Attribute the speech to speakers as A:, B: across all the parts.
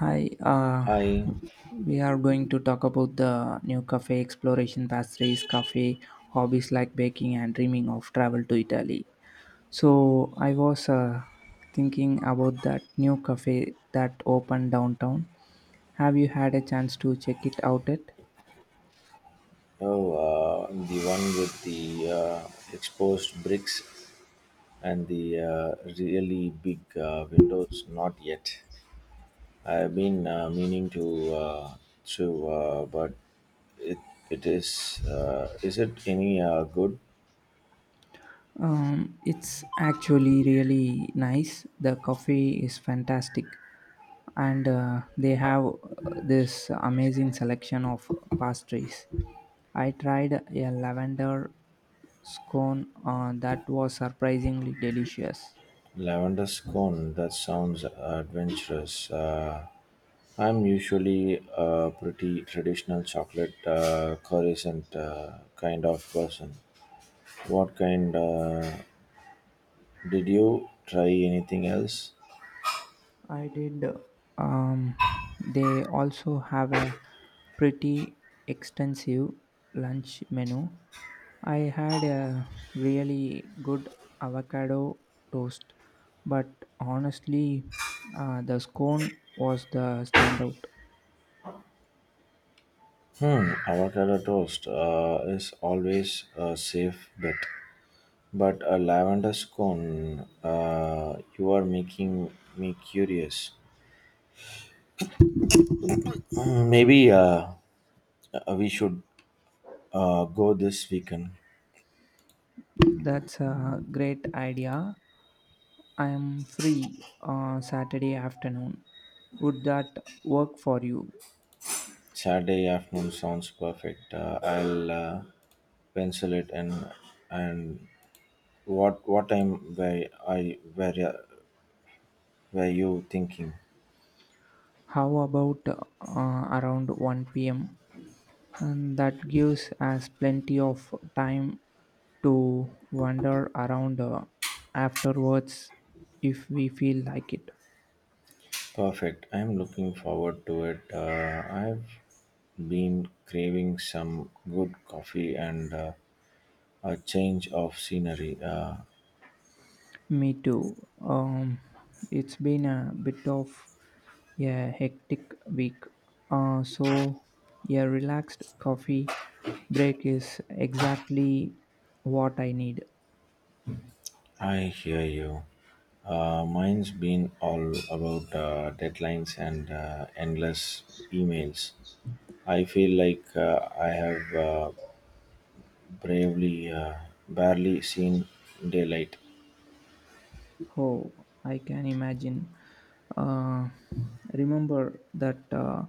A: Hi,
B: Hi.
A: we are going to talk about the new cafe exploration pastries, cafe hobbies like baking and dreaming of travel to Italy. So I was thinking about that new cafe that opened downtown. Have you had a chance to check it out yet?
B: Oh, the one with the exposed bricks and the really big windows. Not yet. I've been meaning to, but it it is. Is it any good
A: It's actually really nice. The coffee is fantastic, and they have this amazing selection of pastries. I tried a lavender scone that was surprisingly delicious.
B: lavender scone? That sounds adventurous. I'm usually a pretty traditional chocolate croissant kind of person. What kind? Did you try anything else?
A: I did. Um, they also have a pretty extensive lunch menu. I had a really good avocado toast, but honestly, the scone was the standout.
B: Hmm, avocado toast is always a safe bet. But a lavender scone, you are making me curious. Hmm, maybe we should go this weekend.
A: That's a great idea. I am free Saturday afternoon. Would that work for you?
B: Saturday afternoon sounds perfect. I'll pencil it in. And what time were you thinking?
A: How about around 1 p.m.? And that gives us plenty of time to wander around afterwards if we feel like it.
B: Perfect. I'm looking forward to it. I've been craving some good coffee and a change of scenery.
A: Me too. Um, it's been a bit of a hectic week, so a relaxed coffee break is exactly what I need.
B: I hear you. Mine's been all about deadlines and endless emails. I feel like I have bravely, uh, barely seen daylight.
A: Oh, I can imagine. Uh, Remember that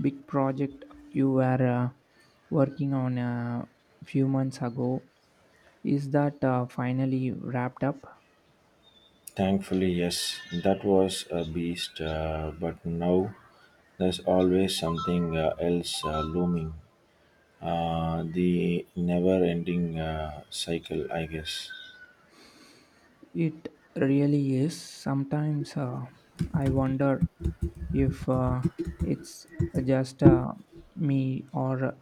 A: big project you were working on a few months ago? Is that finally wrapped up?
B: Thankfully, yes, that was a beast, but now there's always something else looming. The never ending cycle, I guess.
A: It really is. Sometimes I wonder if it's just me or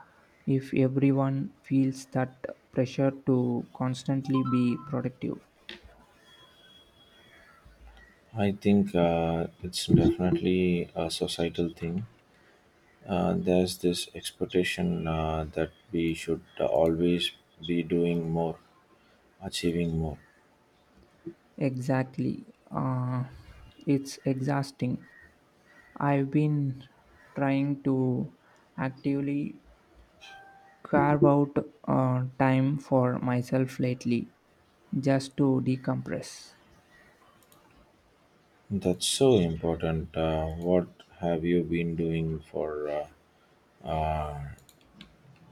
A: if everyone feels that pressure to constantly be productive.
B: I think it's definitely a societal thing. There's this expectation that we should always be doing more, achieving more.
A: Exactly. Uh, it's exhausting. I've been trying to actively carve out time for myself lately just to decompress.
B: That's so important. What have you been doing for?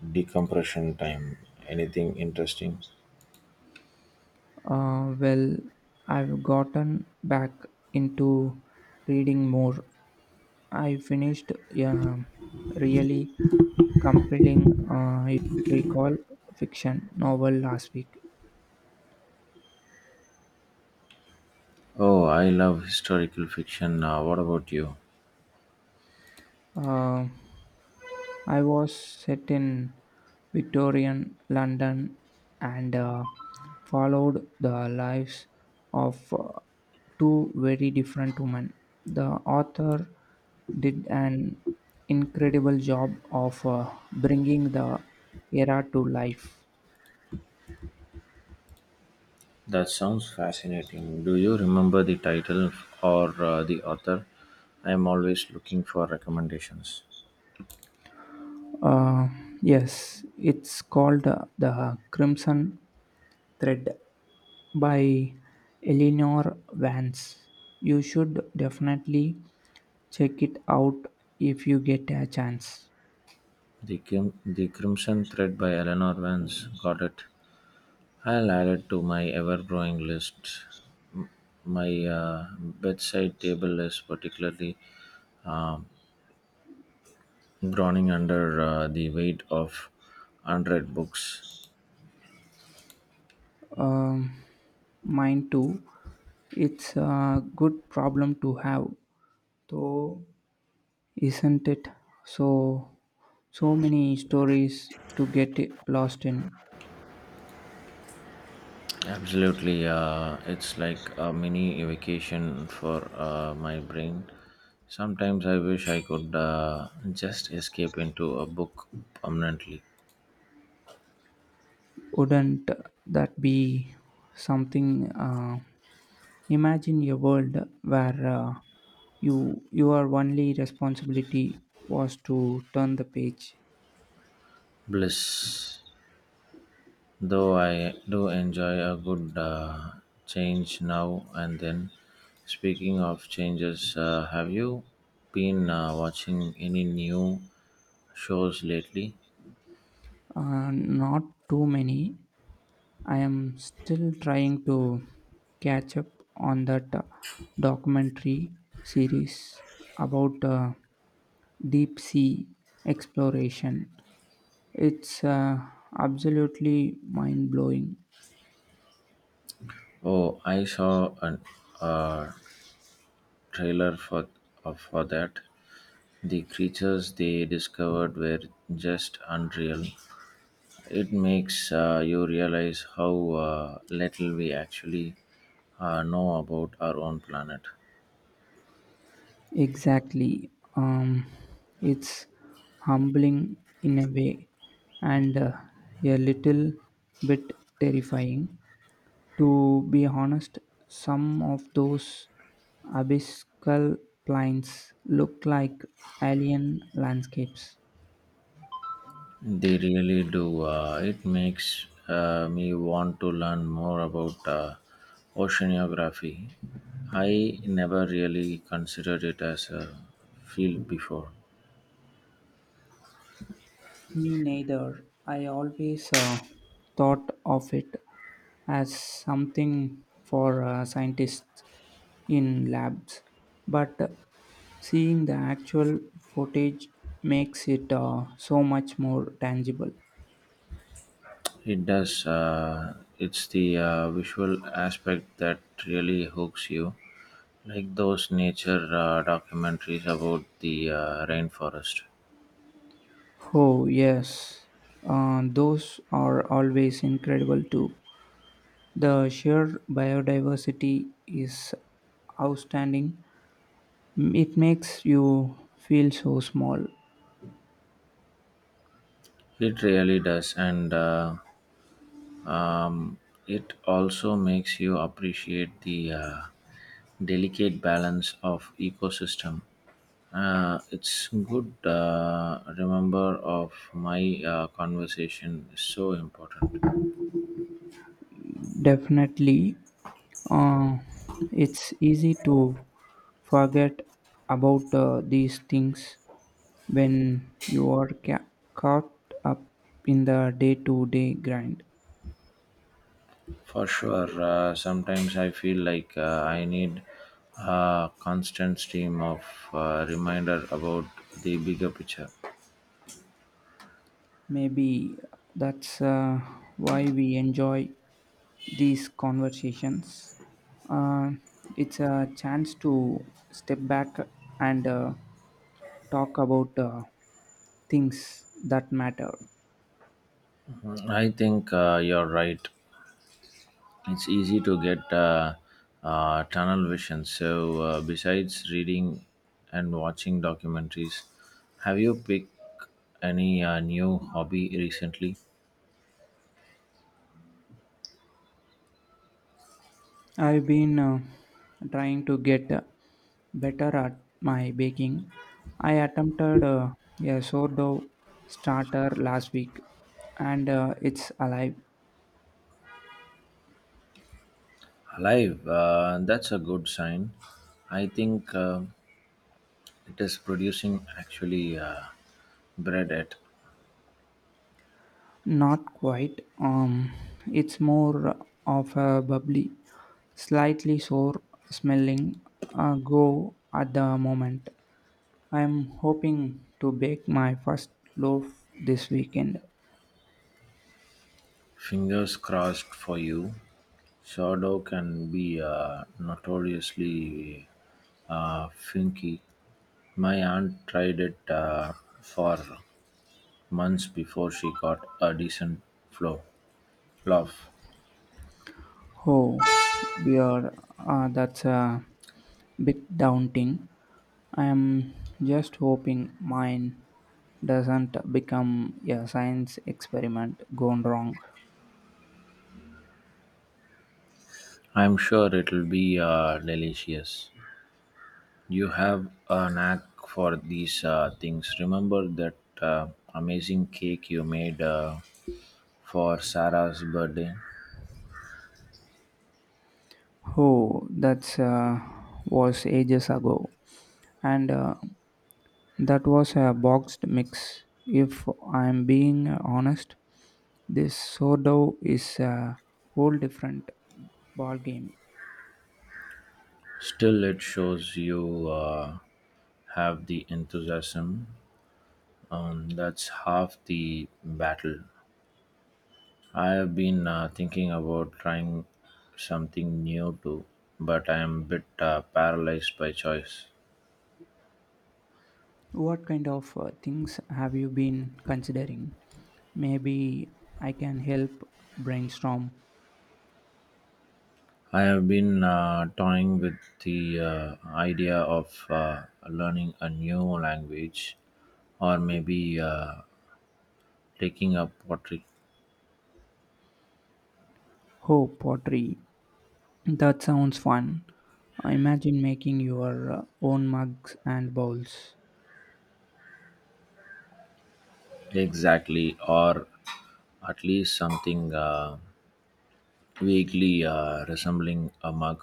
B: Decompression time. Anything interesting?
A: Well, I've gotten back into reading more. I finished a really compelling, if you recall, fiction novel last week.
B: Oh, I love historical fiction. What about you?
A: Um I was set in Victorian London and followed the lives of two very different women. The author did an incredible job of bringing the era to life.
B: That sounds fascinating. Do you remember the title or the author? I am always looking for recommendations.
A: Uh, yes, it's called The Crimson Thread by Eleanor Vance. You should definitely check it out if you get a chance.
B: The Crimson Thread by Eleanor Vance. Got it. I'll add it to my ever growing list. My bedside table is particularly uh, groaning under the weight of unread books.
A: Um, Mine too. It's a good problem to have, though, isn't it? So, so many stories to get lost in.
B: Absolutely, it's like a mini vacation for my brain. Sometimes I wish I could just escape into a book permanently.
A: Wouldn't that be something? Imagine a world where your only responsibility was to turn the page.
B: Bliss. Though I do enjoy a good change now and then. Speaking of changes, have you been watching any new shows lately?
A: Not too many. I am still trying to catch up on that documentary series about deep sea exploration. It's absolutely mind blowing.
B: Oh, I saw an uh, trailer for that. The creatures they discovered were just unreal. It makes you realize how little we actually know about our own planet.
A: Exactly. It's humbling in a way and a little bit terrifying. To be honest, some of those abyssal plains look like alien landscapes.
B: They really do. It makes me want to learn more about oceanography. I never really considered it as a field before.
A: Me neither. I always thought of it as something for scientists in labs, but seeing the actual footage makes it so much more tangible.
B: It does. It's the visual aspect that really hooks you. Like those nature documentaries about the rainforest.
A: Oh, yes, those are always incredible too. The sheer biodiversity is outstanding. It makes you feel so small.
B: It really does, and um, it also makes you appreciate the delicate balance of ecosystem. It's good remember of my conversation is so important.
A: Definitely, uh, it's easy to forget about these things when you are caught up in the day to day grind.
B: For sure, sometimes I feel like I need a constant stream of reminder about the bigger picture.
A: Maybe that's why we enjoy these conversations. Uh, it's a chance to step back and talk about things that matter.
B: I think you're right. It's easy to get tunnel vision. So, besides reading and watching documentaries, have you picked any new hobby recently?
A: I've been trying to get better at my baking. I attempted a sourdough starter last week, and it's alive.
B: Alive, that's a good sign. I think it is producing actually bread at.
A: Not quite. It's more of a bubbly, slightly sour smelling go at the moment. I'm hoping to bake my first loaf this weekend.
B: Fingers crossed for you, Shadow can be notoriously finicky. My aunt tried it for months before she got a decent flow. Love.
A: Oh, dear, that's a bit daunting. I am just hoping mine doesn't become a science experiment gone wrong.
B: I'm sure it'll be delicious. You have a knack for these things. Remember that uh, amazing cake you made for Sarah's birthday?
A: Oh, that's was ages ago, and that was a boxed mix. If I'm being honest, this sourdough is a whole different ballgame.
B: Still, it shows you have the enthusiasm. That's half the battle. I have been thinking about trying something new too, but I am a bit paralyzed by choice.
A: What kind of things have you been considering? Maybe I can help brainstorm.
B: I have been toying with the idea of learning a new language or maybe taking up pottery
A: Oh, pottery. That sounds fun. Imagine making your own mugs and bowls.
B: exactly or at least something. Vaguely resembling a mug.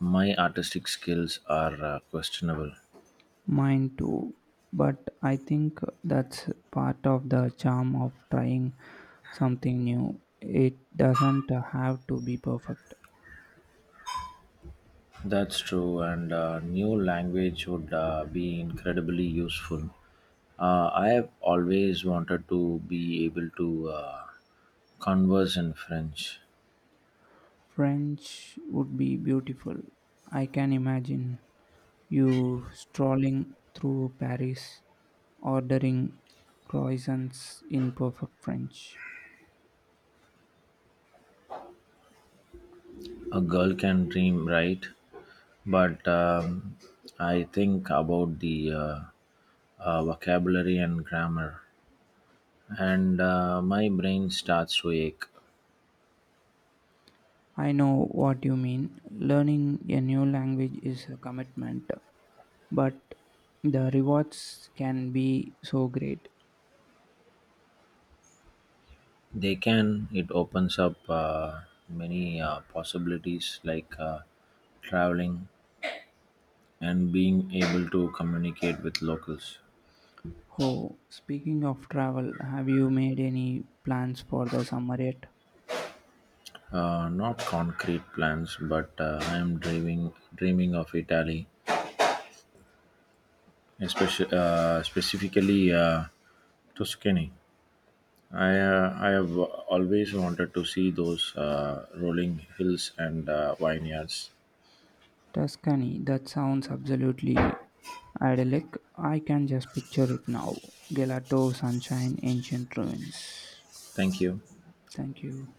B: My artistic skills are questionable.
A: Mine too. But I think that's part of the charm of trying something new. It doesn't have to be perfect.
B: That's true, and new language would be incredibly useful. I have always wanted to be able to converse in French.
A: French would be beautiful. I can imagine. You strolling through Paris, ordering croissants in perfect French.
B: A girl can dream, right? But I think about the vocabulary and grammar, and my brain starts to ache.
A: I know what you mean. Learning a new language is a commitment, but the rewards can be so great.
B: They can. It opens up many possibilities like traveling and being able to communicate with locals.
A: Oh, speaking of travel, have you made any plans for the summer yet?
B: Not concrete plans, but I am dreaming of Italy, especially, specifically, Tuscany. I have always wanted to see those rolling hills and vineyards.
A: Tuscany, that sounds absolutely idyllic. I can just picture it now. Gelato, sunshine, ancient ruins.
B: Thank you.
A: Thank you.